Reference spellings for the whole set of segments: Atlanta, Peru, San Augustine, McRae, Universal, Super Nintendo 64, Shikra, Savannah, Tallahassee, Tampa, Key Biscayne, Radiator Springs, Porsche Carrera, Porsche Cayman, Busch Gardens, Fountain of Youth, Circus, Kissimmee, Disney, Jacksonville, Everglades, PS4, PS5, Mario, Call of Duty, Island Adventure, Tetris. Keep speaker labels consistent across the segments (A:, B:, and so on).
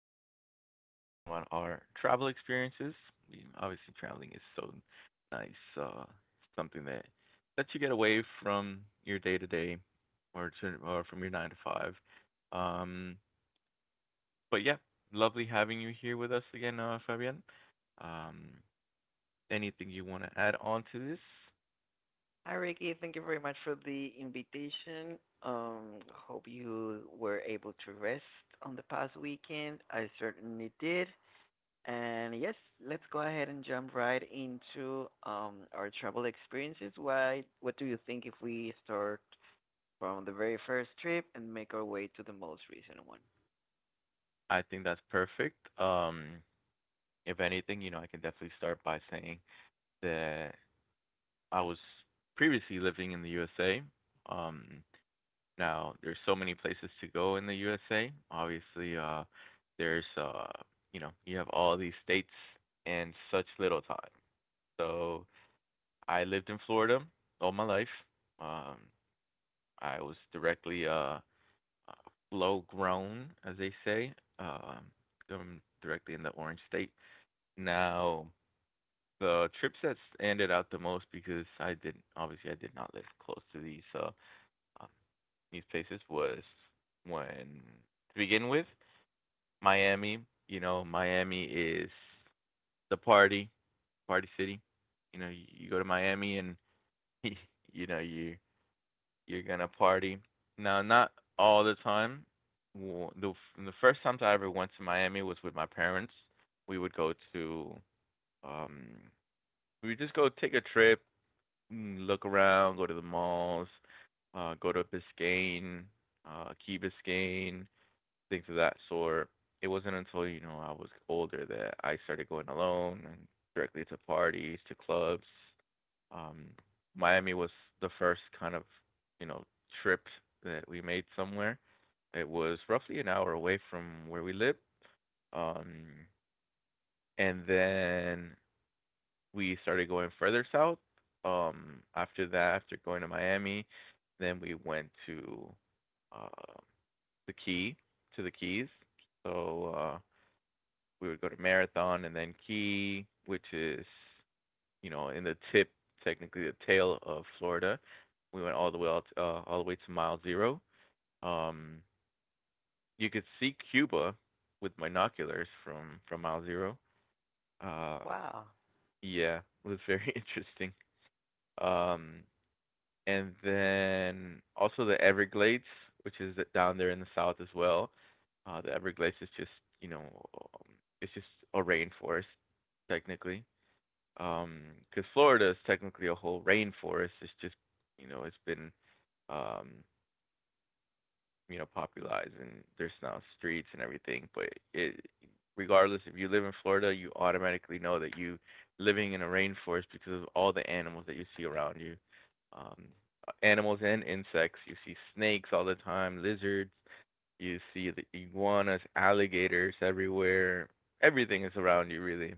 A: We're going to be talking about our travel experiences. I mean, obviously, traveling is so nice, uh, something that lets you get away from your day to day or from your nine to five. Um, but yeah, lovely having you here with us again, Fabian. Um, Anything you want to add on to this?
B: Hi, Ricky. Thank you very much for the invitation. Hope you were able to rest on the past weekend. I certainly did. And yes, let's go ahead and jump right into our travel experiences. Why? What do you think if we start from the very first trip and make our way to the most recent one?
A: I think that's perfect. If anything, you know, I can definitely start by saying that I was previously living in the USA. Um, Now there's so many places to go in the USA. Obviously, there's you know, you have all these states and such little time. So I lived in Florida all my life. Um, I was directly flow grown, as they say. Um, I'm directly in the Orange State. Now the trips that ended out the most because I didn't, obviously I did not live close to um, these places was, when to begin with, Miami. You know, Miami is the party city. You know, you go to Miami and you know you're gonna party. Now, not all the time. Well, the first time I ever went to Miami was with my parents. We would go to um we would just go take a trip, mm, look around, go to the malls, go to Biscayne, Key Biscayne, things of that sort. It wasn't until, you know, I was older that I started going alone and directly to parties, to clubs. Um, Miami was the first kind of, you know, trip that we made somewhere. It was roughly an hour away from where we lived. Um, and then we started going further south. After that, after going to Miami, then we went to uh, the Key, to the Keys. So we would go to Marathon and then Key, which is, you know, in the tip, technically the tail of Florida. We went all the way out, all the way to mile zero. Um, you could see Cuba with binoculars from mile zero. Uh,
B: Wow!
A: yeah, it was very interesting. Um, and then also the Everglades, which is down there in the south as well. The Everglades is just, you know, it's just a rainforest, technically. Um, Because Florida is technically a whole rainforest. It's just, you know, it's been, um, you know, popularized and there's now streets and everything, but it regardless if you live in Florida, you automatically know that you living in a rainforest because of all the animals that you see around you. Um Animals and insects. You see snakes all the time, lizards, you see the iguanas, alligators everywhere. Everything is around you really.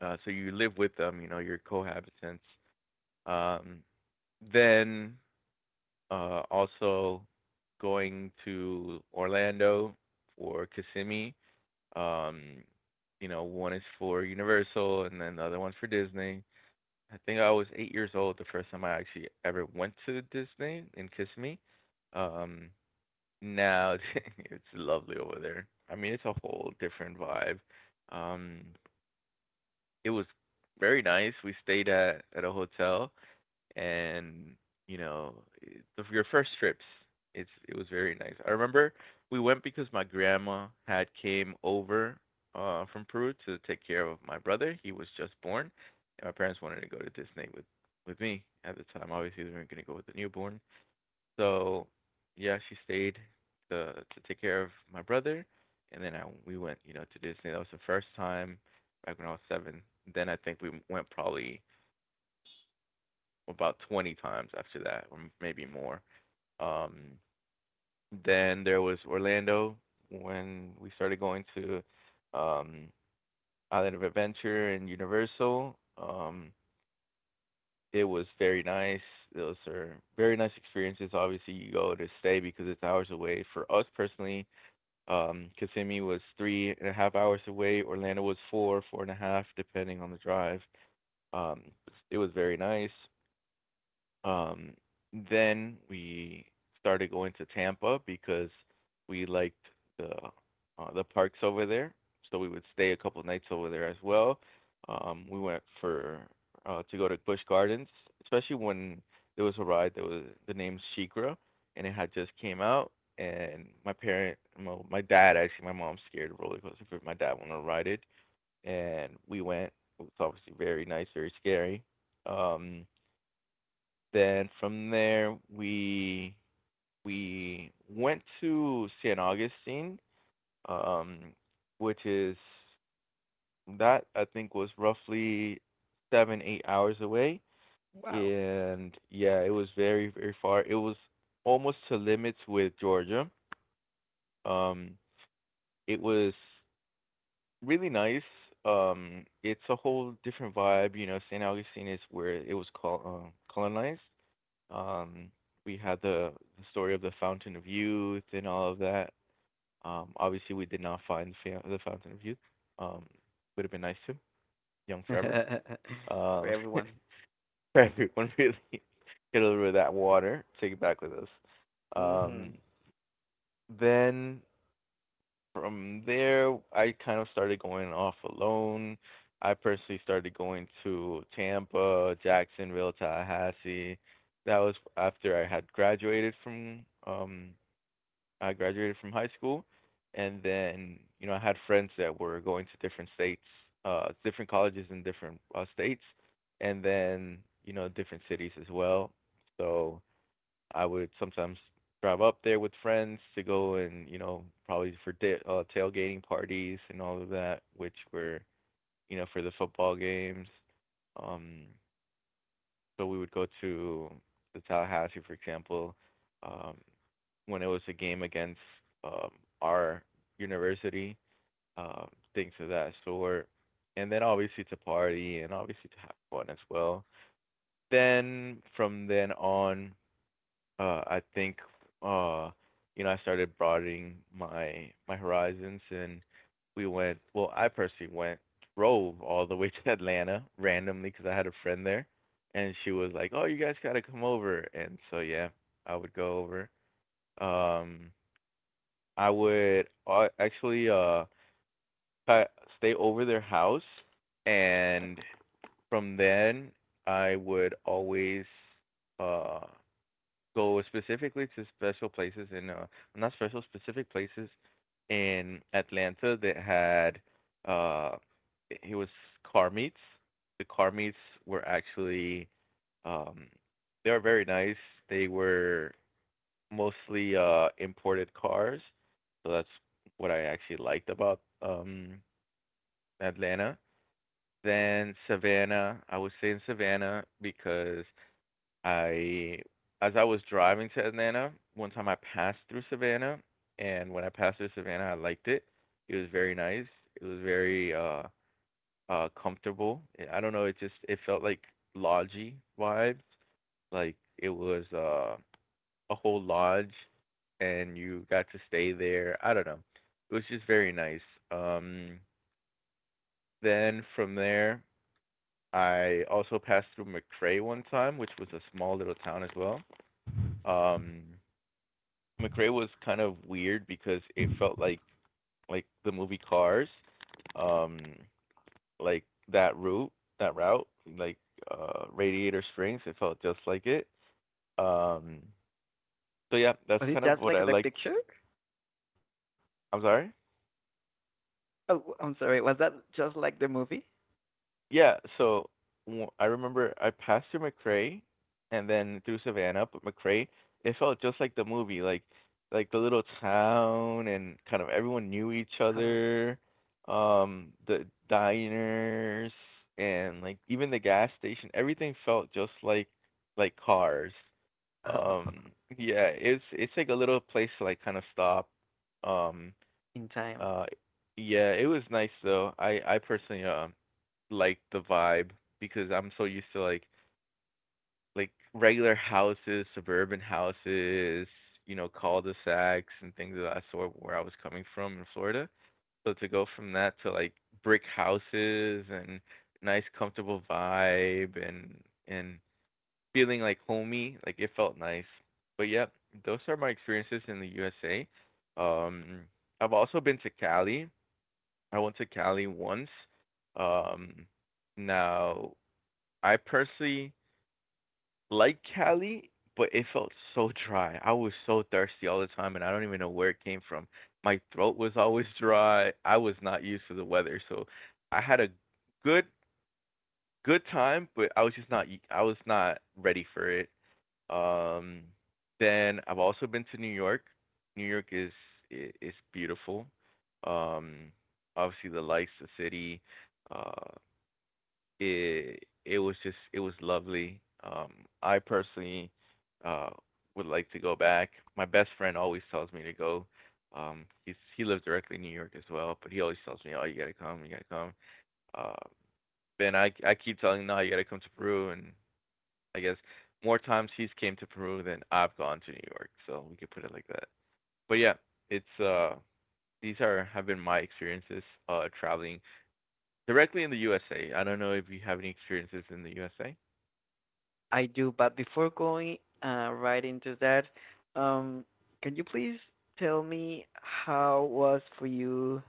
A: So you live with them, you know, your cohabitants. Um, then uh, also going to Orlando for Kissimmee. Um, you know, one is for Universal and then the other one's for Disney. I think I was 8 years old the first time I actually ever went to Disney in Kissimmee. Um, Now it's lovely over there. I mean, it's a whole different vibe. Um, it was very nice. We stayed at a hotel, and you know your first trips, it was very nice. I remember we went because my grandma had came over from Peru to take care of my brother. He was just born and my parents wanted to go to Disney with me at the time. Obviously they weren't going to go with the newborn, so yeah, she stayed to to take care of my brother, and then we went, you know, to Disney. That was the first time, back when I was seven. Then I think we went probably about 20 times after that, or maybe more. Um, then there was Orlando when we started going to um, Island of Adventure and Universal. Um, it was very nice. Those are very nice experiences. Obviously, you go to stay because it's hours away. For us personally, Kissimmee was 3.5 hours away. Orlando was four, four and a half, depending on the drive. Um, it was very nice. Um, then we started going to Tampa because we liked the the parks over there, so we would stay a couple nights over there as well. We went for to go to Busch Gardens, especially when there was a ride that was the name Shikra, and it had just came out. And my dad actually, my mom's scared of roller coaster, but my dad wanted to ride it, and we went. It was obviously very nice, very scary. Um, then from there we went to San Augustine, um, which is that I think was roughly seven, 8 hours away.
B: Wow!
A: And yeah, it was very, very far. It was almost to limits with Georgia. Um, it was really nice. It's a whole different vibe, you know. San Augustine is where it was called colonized. Um, we had the story of the Fountain of Youth and all of that. Obviously, we did not find the Fountain of Youth. Um, would have been nice to. Young forever.
B: For
A: Um,
B: everyone.
A: for everyone, really. Get a little bit of that water. Take it back with us. Um,
B: Hmm.
A: then from there, I kind of started going off alone. I personally started going to Tampa, Jacksonville, Tallahassee. That was after I had graduated from I graduated from high school, and then, you know, I had friends that were going to different states, different colleges in different states, and then, you know, different cities as well. So I would sometimes drive up there with friends to go and, you know, probably for tailgating parties and all of that, which were, you know, for the football games. Um, so we would go to the Tallahassee, for example, um, when it was a game against um, our university, um, things of that sort. And then obviously to party and obviously to have fun as well. Then from then on, I think uh, you know, I started broadening my horizons, and I personally went drove all the way to Atlanta randomly because I had a friend there, and she was like, "Oh, you guys gotta come over," and so yeah, I would go over. Um, I would actually I- stay over their house, and from then I would always uh go specifically to special places in not special specific places in Atlanta that had uh it was car meets. The car meets were actually um they were very nice. They were mostly imported cars. So that's what I actually liked about Atlanta. Then Savannah, I would say, in Savannah because I as I was driving to Atlanta, one time I passed through Savannah, and when I passed through Savannah, I liked it. It was very nice. It was very comfortable. Eh, I don't know, it felt like lodgy vibes. Like it was a whole lodge and you got to stay there. I don't know. It was just very nice. Um then from there I also passed through McCray one time, which was a small little town as well. Um McRae was kind of weird because it felt like the movie Cars, um, like that route, that route, like, Radiator Springs. It felt just like it. Um, so yeah, that's
B: Was it
A: kind of
B: just
A: what I
B: like the
A: liked.
B: picture?
A: I'm sorry.
B: Oh, I'm sorry. Was that just like the movie?
A: Yeah, so w I remember I passed through McRae and then through Savannah, but McRae, it felt just like the movie, like the little town, and kind of everyone knew
B: Uh,
A: each other, the diners and like even the gas station, everything felt just like Cars. Um, yeah, it's like a little place to like kind of stop. Um,
B: in time.
A: uh, yeah, it was nice though. I personally like the vibe because I'm so used to like regular houses, suburban houses, you know, cul-de-sacs and things of that sort where I was coming from in Florida. So to go from that to like brick houses and nice comfortable vibe and and feeling like homey, like it felt nice. But yep, those are my experiences in the USA. Um I've also been to Cali. I went to Cali once. Um now I personally like Cali, but it felt so dry. I was so thirsty all the time, and I don't even know where it came from. My throat was always dry. I was not used to the weather, so I had a good good time, but I was just not I was not ready for it. Um, then I've also been to New York. New York is is beautiful. Um, Obviously the lights, the city, uh, it was just it was lovely. I personally uh would like to go back. My best friend always tells me to go. He lives directly in New York as well, but he always tells me, "Oh, you gotta come, you gotta come." Uh, Ben, I keep telling him, "No, you gotta come to Peru," and I guess more times he's came to Peru than I've gone to New York, so we could put it like that. But yeah, it's these are have been my experiences traveling directly in the USA. I don't know if you have any experiences in the USA.
B: I do, but before going right into that, um, can you please tell me how was for you?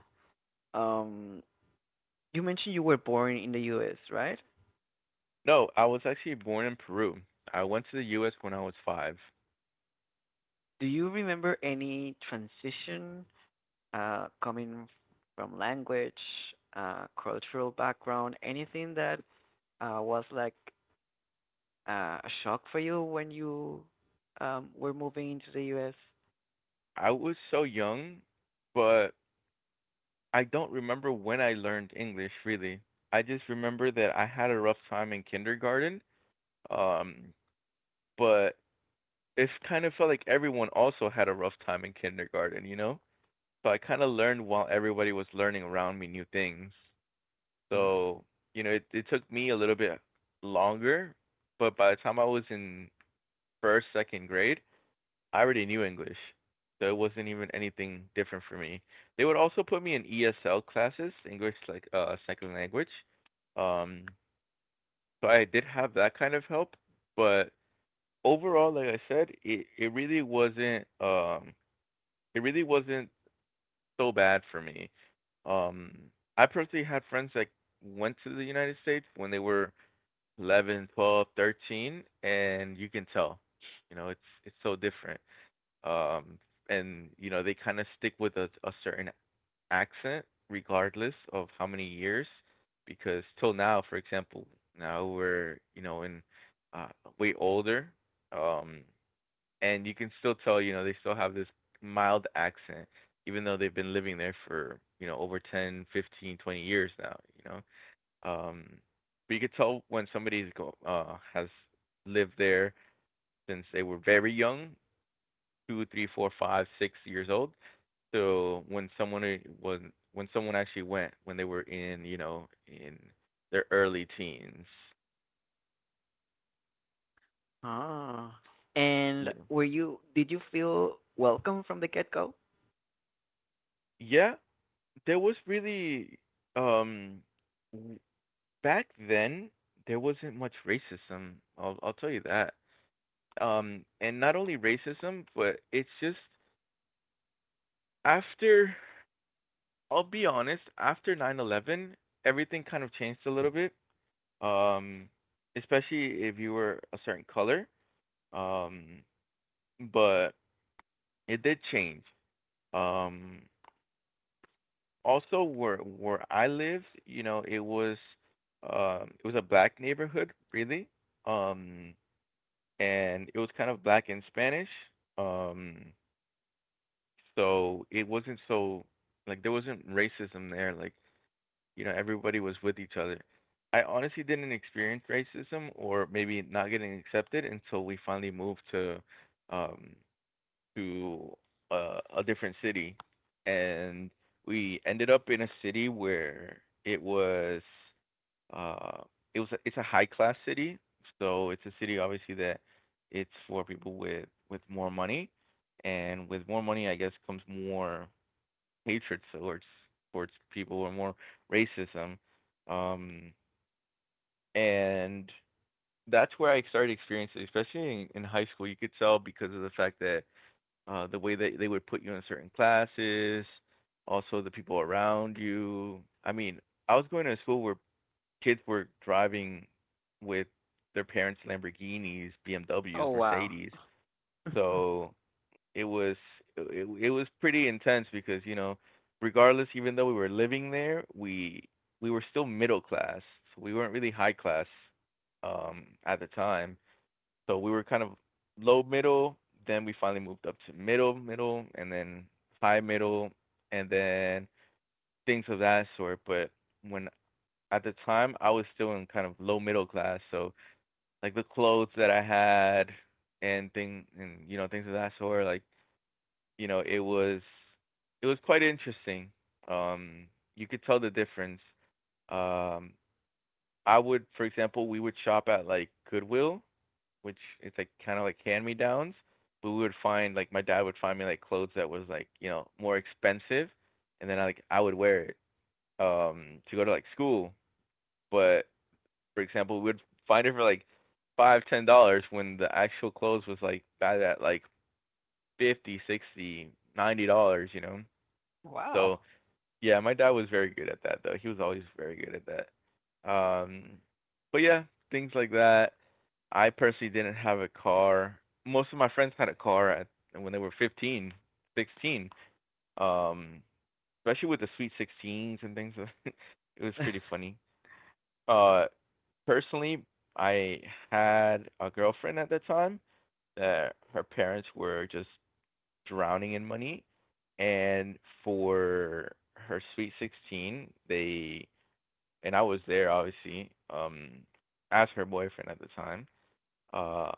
B: Um, you mentioned you were born in the U.S., right?
A: No, I was actually born in Peru. I went to the US when I was five.
B: Do you remember any transition coming from language, cultural background, anything that was like uh, a shock for you when you were moving into the U.S.?
A: I was so young, but I don't remember when I learned English really. I just remember that I had a rough time in kindergarten. Um, but it kind of felt like everyone also had a rough time in kindergarten, you know? So I kind of learned while everybody was learning around me new things. So, you know, it took me a little bit longer, but by the time I was in first, second grade, I already knew English, so it wasn't even anything different for me. They would also put me in ESL classes, English like second language. Um, so I did have that kind of help, but overall, like I said, it really wasn't it really wasn't so bad for me. Um, I personally had friends that went to the United States when they were 11, 12, 13, and you can tell, you know, it's so different. um, and you know they kind of stick with a certain accent regardless of how many years, because till now, for example, now we're you know in uh, way older, um, and you can still tell, you know, they still have this mild accent, even though they've been living there for, you know, over 10, 15, 20 years now, you know. um but you could tell when somebody's go has lived there since they were very young, 2 3 4 5 6 years old. So when when someone actually went when they were in, you know, in their early teens.
B: Ah. And
A: Yeah.
B: were you did you feel welcome from the get go?
A: Yeah, there was really um w- back then there wasn't much racism. I'll tell you that. And not only racism, but it's just after I'll be honest, after 9/11 everything kind of changed a little bit. Um especially if you were a certain color. Um but it did change. Um, also, where I live, you know, it was a black neighborhood, really, um, and it was kind of black and Spanish. Um, so it wasn't so like there wasn't racism there. Like, you know, everybody was with each other. I honestly didn't experience racism, or maybe not getting accepted, until we finally moved to um, to a different city, and we ended up in a city where uh, it's a high class city, so it's a city obviously that it's for people with more money, and with more money, I guess comes more hatred towards people or more racism, um, and that's where I started experiencing, especially in high school. You could tell because of the fact that the way that they would put you in certain classes, also the people around you. I mean, I was going to a school where kids were driving with their parents' Lamborghinis, BMWs,
B: Oh wow.
A: Mercedes. So it was it was pretty intense because, you know, regardless, even though we were living there, we were still middle class. So we weren't really high class at the time. So we were kind of low middle, then we finally moved up to middle middle, and then high middle, and then things of that sort. But when at the time I was still in kind of low middle class, so like the clothes that I had and you know things of that sort, like, you know, it was quite interesting. Um, you could tell the difference. Um, I would, for example, we would shop at like Goodwill, which it's like kind of like hand me downs. But we would find like my dad would find me like clothes that was like, you know, more expensive, and then I would wear it um to go to like school. But for example, we'd find it for like $5, $10 when the actual clothes was like bad at like $50, $60, $90, you know. So
B: Wow.
A: yeah, my dad was very good at that though. He was always very good at that. But yeah Things like that. I personally didn't have a car. Most of my friends had a car at when they were 15, 16. Um, especially with the Sweet 16s and things. It was pretty funny. Uh, personally, I had a girlfriend at the time that her parents were just drowning in money, and for her Sweet 16, they and I was there obviously as her boyfriend at the time. Uh,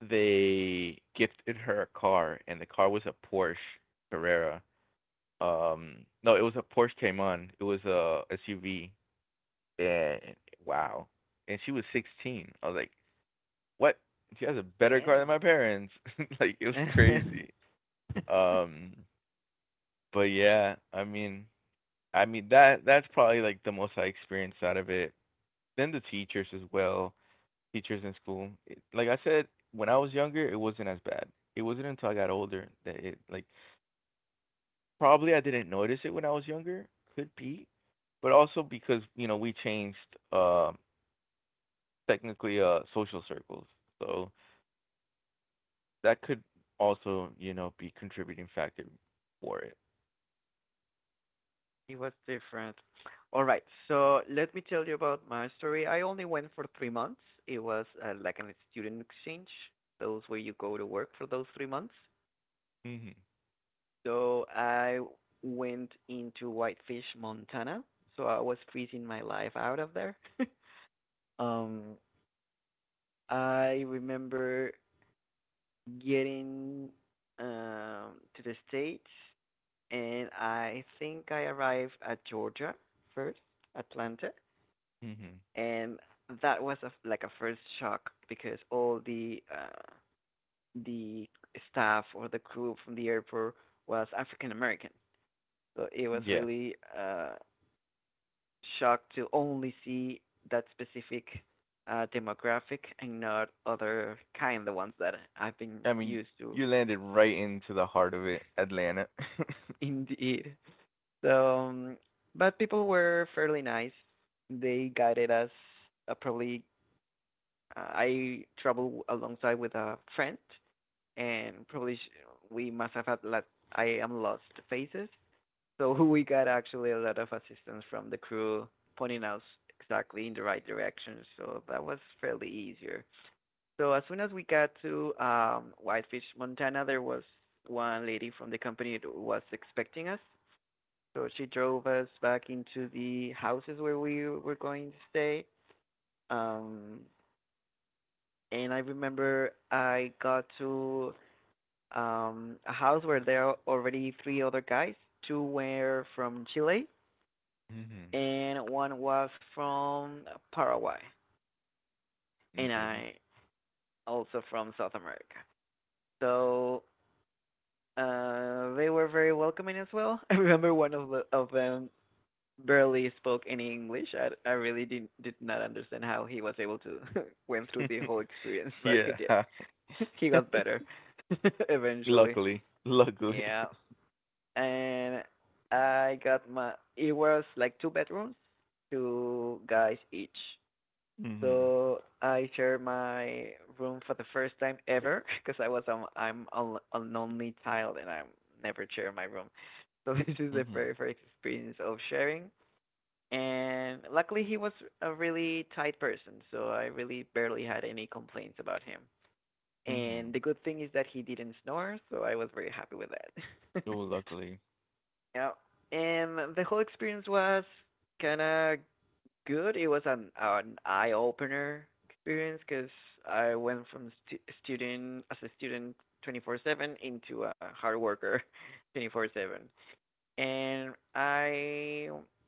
A: they gifted her a car, and the car was a Porsche Carrera. Um, no, it was a Porsche Cayman. It was a SUV. And wow, and she was 16. I was like, what? She has a better car than
B: Damn.
A: my parents. Like it was crazy. Um, but yeah, I mean that's probably like the most I experienced out of it. Then the teachers as well, teachers in school. Like I said, when I was younger, it wasn't as bad. It wasn't until I got older that it like probably I didn't notice it when I was younger. Could be, but also because, you know, we changed uh, technically social circles, so that could also, you know, be contributing factor for it.
B: It was different. All right, so let me tell you about my story. I only went for 3 months. It was like an student exchange, those where you go to work for those 3 months.
A: Mhm.
B: So I went into Whitefish, Montana. So I was freezing my life out of there. um, I remember getting to the States, and I think I arrived at Georgia first, Atlanta,
A: Mhm.
B: and that was a, like a first shock because all the staff or the crew from the airport was African American, so it was
A: Yeah.
B: really shock to only see that specific demographic and not other kind, the ones that I've been
A: I mean,
B: used to.
A: you landed right into the heart of it, Atlanta.
B: Indeed. So, but people were fairly nice. They guided us. Uh, probably, I traveled alongside with a friend, and probably we must have had lot. I am lost faces. So we got actually a lot of assistance from the crew, pointing us exactly in the right direction. So that was fairly easier. So as soon as we got to Whitefish, Montana, there was one lady from the company that was expecting us, so she drove us back into the houses where we were going to stay. Um, and I remember I got to a house where there are already three other guys. Two were from Chile,
A: Mhm.
B: and one was from Paraguay, and
A: Okay.
B: I also from South America. So they were very welcoming as well. I remember one of them barely spoke any English. I really did not understand how he was able to went through the whole experience, but he
A: Yeah.
B: did. He got better eventually.
A: Luckily. Luckily.
B: Yeah, and I got my. It was like two bedrooms, two guys each.
A: Mhm.
B: So I shared my room for the first time ever because I was I'm a lonely child and I'm never share my room. So this is the
A: Mhm.
B: very first experience of sharing, and luckily he was a really tight person, so I really barely had any complaints about him. And the
A: Mhm.
B: good thing is that he didn't snore, so I was very happy with that.
A: Oh, luckily.
B: Yeah, and the whole experience was kind of good. It was an eye opener experience because I went from student as a student 24/7 into a hard worker 24/7, and I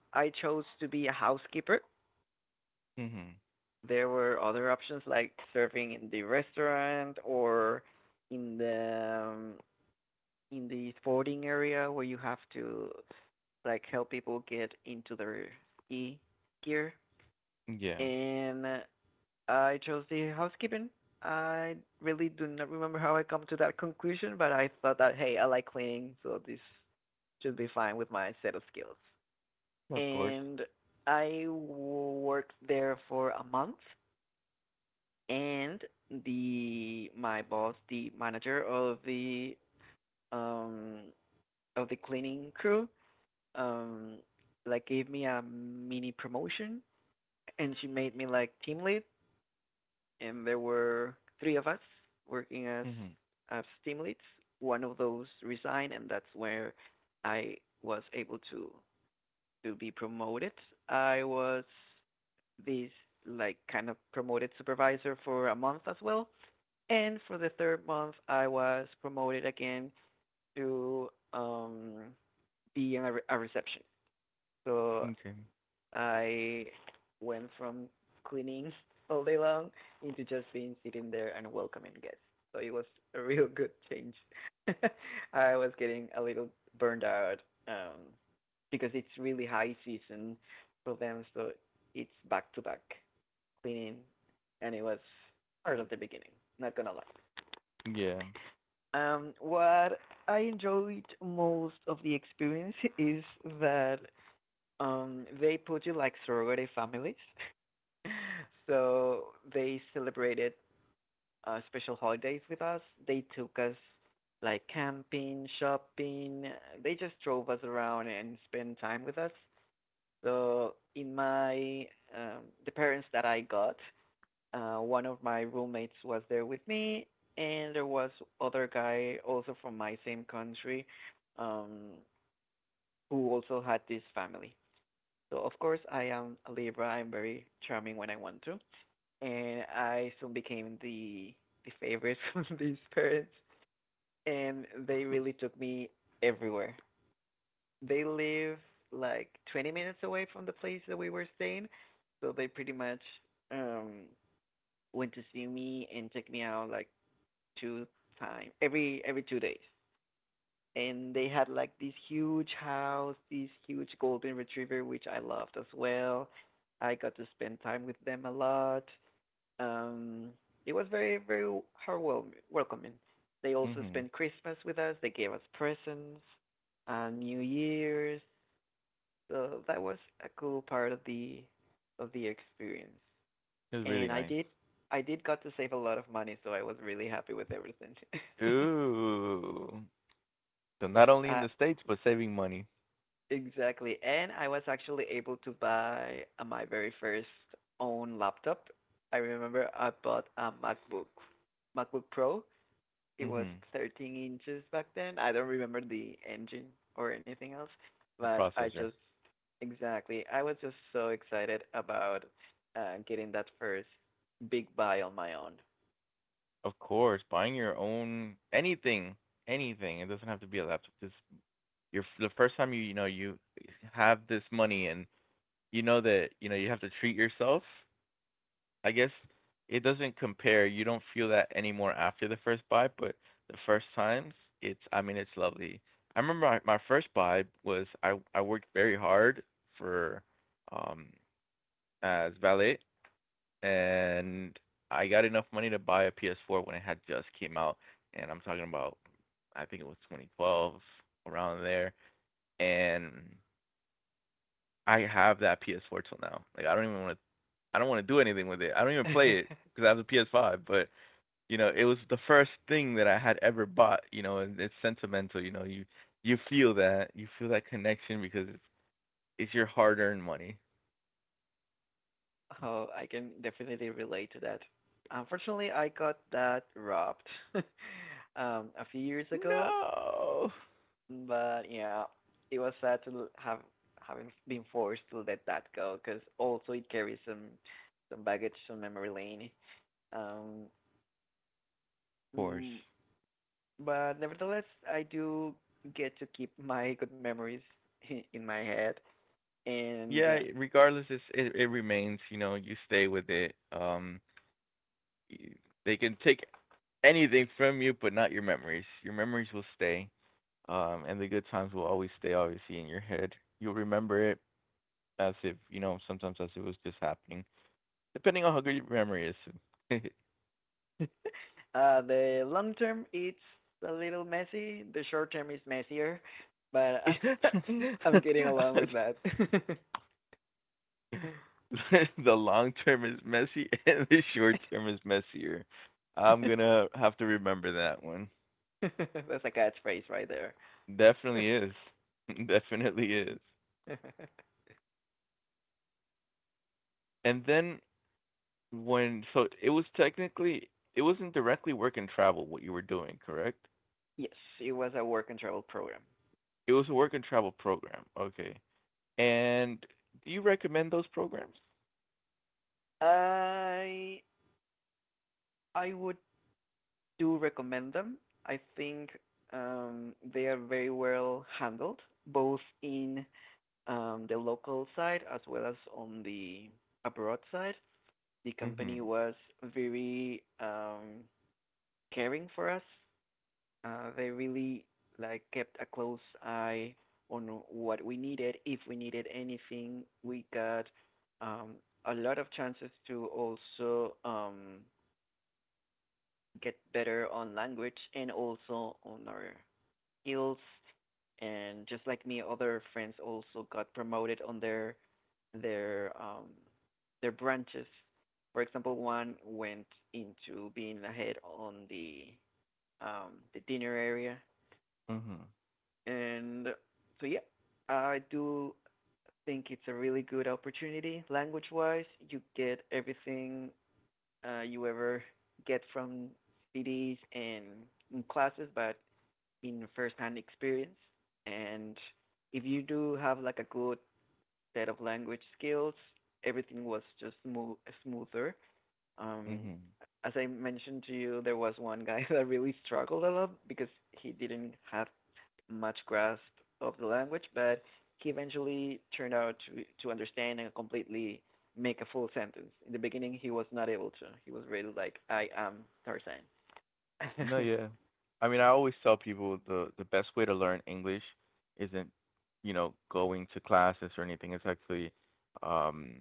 B: I chose to be a housekeeper.
A: Mhm.
B: There were other options like serving in the restaurant or in the um, in the sporting area where you have to like help people get into their ski gear.
A: Yeah.
B: And I chose the housekeeping. I really do not remember how I come to that conclusion, but I thought that hey, I like cleaning, so this should be fine with my set of skills.
A: Well, of course.
B: And I worked there for a month, and the my boss, the manager um of the cleaning crew, um like gave me a mini promotion, and she made me like team lead, and there were three of us working
A: Mhm.
B: as team leads. One of those resigned and that's where I was able to be promoted. I was this like kind of promoted supervisor for a month as well. And for the third month, I was promoted again to um, being a receptionist. So
A: Okay.
B: I went from cleaning all day long into just being sitting there and welcoming guests. So it was a real good change. I was getting a little burned out um, because it's really high season for them, so it's back to back cleaning, and it was hard at the beginning. Not gonna lie.
A: Yeah.
B: What I enjoyed most of the experience is that they put you like surrogate families. So they celebrated special holidays with us. They took us like camping, shopping. They just drove us around and spent time with us. So in my the parents that I got, one of my roommates was there with me, and there was other guy also from my same country, um, who also had this family. So of course I am a Libra. I'm very charming when I want to, and I soon became the favorite of these parents, and they really took me everywhere. They live like 20 minutes away from the place that we were staying, so they pretty much um went to see me and check me out like two time every 2 days. And they had like this huge house, this huge golden retriever, which I loved as well. I got to spend time with them a lot. um it was very, very heartwarming, welcoming. They also
A: Mhm.
B: spent Christmas with us. They gave us presents, New Year's. So that was a cool part of the experience.
A: It's really
B: And i
A: nice.
B: did i did got to save a lot of money, so I was really happy with everything.
A: Ooh. So not only in
B: uh
A: the States, but saving money.
B: Exactly. And I was actually able to buy my very first own laptop. I remember I bought a MacBook, MacBook Pro. It was
A: Mhm.
B: 13 inches back then. I don't remember the engine or anything else,
A: The
B: but I
A: processor.
B: just, exactly. I was just so excited about getting that first big buy on my own.
A: Of course, buying your own anything, anything. It doesn't have to be a laptop. Just your the first time you, you know, you have this money and you know that, you know, you have to treat yourself. I guess it doesn't compare. You don't feel that anymore after the first buy, but the first times, it's I mean, it's lovely. I remember my first buy was I worked very hard for um as valet, and I got enough money to buy a PS4 when it had just came out, and I'm talking about I think it was 2012, around there. And I have that PS4 till now. Like I don't even want to I don't want to do anything with it. I don't even play it cuz I have the PS5, but, you know, it was the first thing that I had ever bought, you know, and it's sentimental. You know, you feel that, you feel that connection because it's your hard earned money.
B: Oh, I can definitely relate to that. Unfortunately, I got that robbed a few years
A: No,
B: ago,
A: of
B: but yeah, it was sad to have having been forced to let that go because also it carries some baggage on memory lane. Um,
A: course.
B: mm, but nevertheless, I do get to keep my good memories in my head, and
A: Yeah, regardless, it it remains, you know, you stay with it. They can take anything from you but not your memories. Your memories will stay. And the good times will always stay obviously in your head. You'll remember it as if, you know, sometimes as if it was just happening, depending on how good your memory is.
B: uh, the long term it's a little messy. The short term is messier, but I'm
A: The
B: getting along with that.
A: long term is messy and the short term is messier. I'm gonna have to remember that one.
B: That's a catchphrase right there.
A: Definitely is. Definitely is. And then when so it was technically it wasn't directly work and travel what you were doing, correct?
B: Yes, it was a work and travel program.
A: It was a work and travel program. Okay. And do you recommend those programs?
B: I I would do recommend them. I think they are very well handled, both in the local side as well as on the abroad side. The company
A: Mhm.
B: was very caring for us. They really like kept a close eye on what we needed. If we needed anything, we got um, a lot of chances to also get better on language and also on our skills. And just like me, other friends also got promoted on their their um, their branches. For example, one went into being ahead on the dinner area,
A: Mhm.
B: and so yeah, I do think it's a really good opportunity. Language-wise, you get everything you ever get from CDs and in classes, but in first-hand experience. And if you do have like a good set of language skills, everything was just smooth, smoother. Um,
A: Mhm.
B: as I mentioned to you, there was one guy that really struggled a lot because he didn't have much grasp of the language, but he eventually turned out to understand and completely make a full sentence. In the beginning, he was not able to. He was really like, "I am Tarzan."
A: No, yeah. I mean, I always tell people the best way to learn English isn't, you know, going to classes or anything. It's actually, um,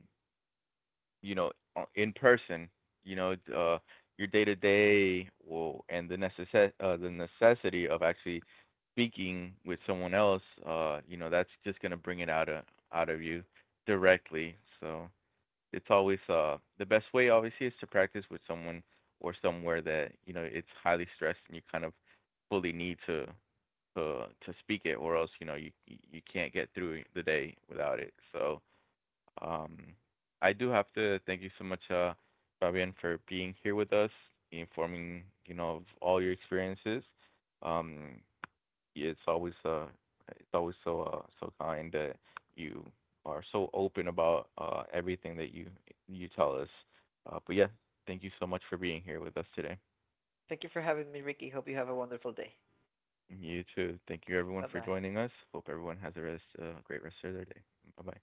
A: you know, in person. You know, your day to day will and the necess the necessity of actually speaking with someone else. You know, that's just gonna bring it out of you directly. So it's always the best way obviously is to practice with someone or somewhere that, you know, it's highly stressed and you kind of fully need to to speak it, or else, you know, you can't get through the day without it. So um I do have to thank you so much Fabian for being here with us, informing, you know, of all your experiences. um yeah, it's always so so kind that you are so open about everything that you tell us. But yeah, thank you so much for being here with us today.
B: Thank you for having me, Ricky. Hope you have a wonderful day.
A: You too. Thank you everyone
B: Bye
A: for
B: bye.
A: joining us. Hope everyone has a rest great rest of their day. Bye bye.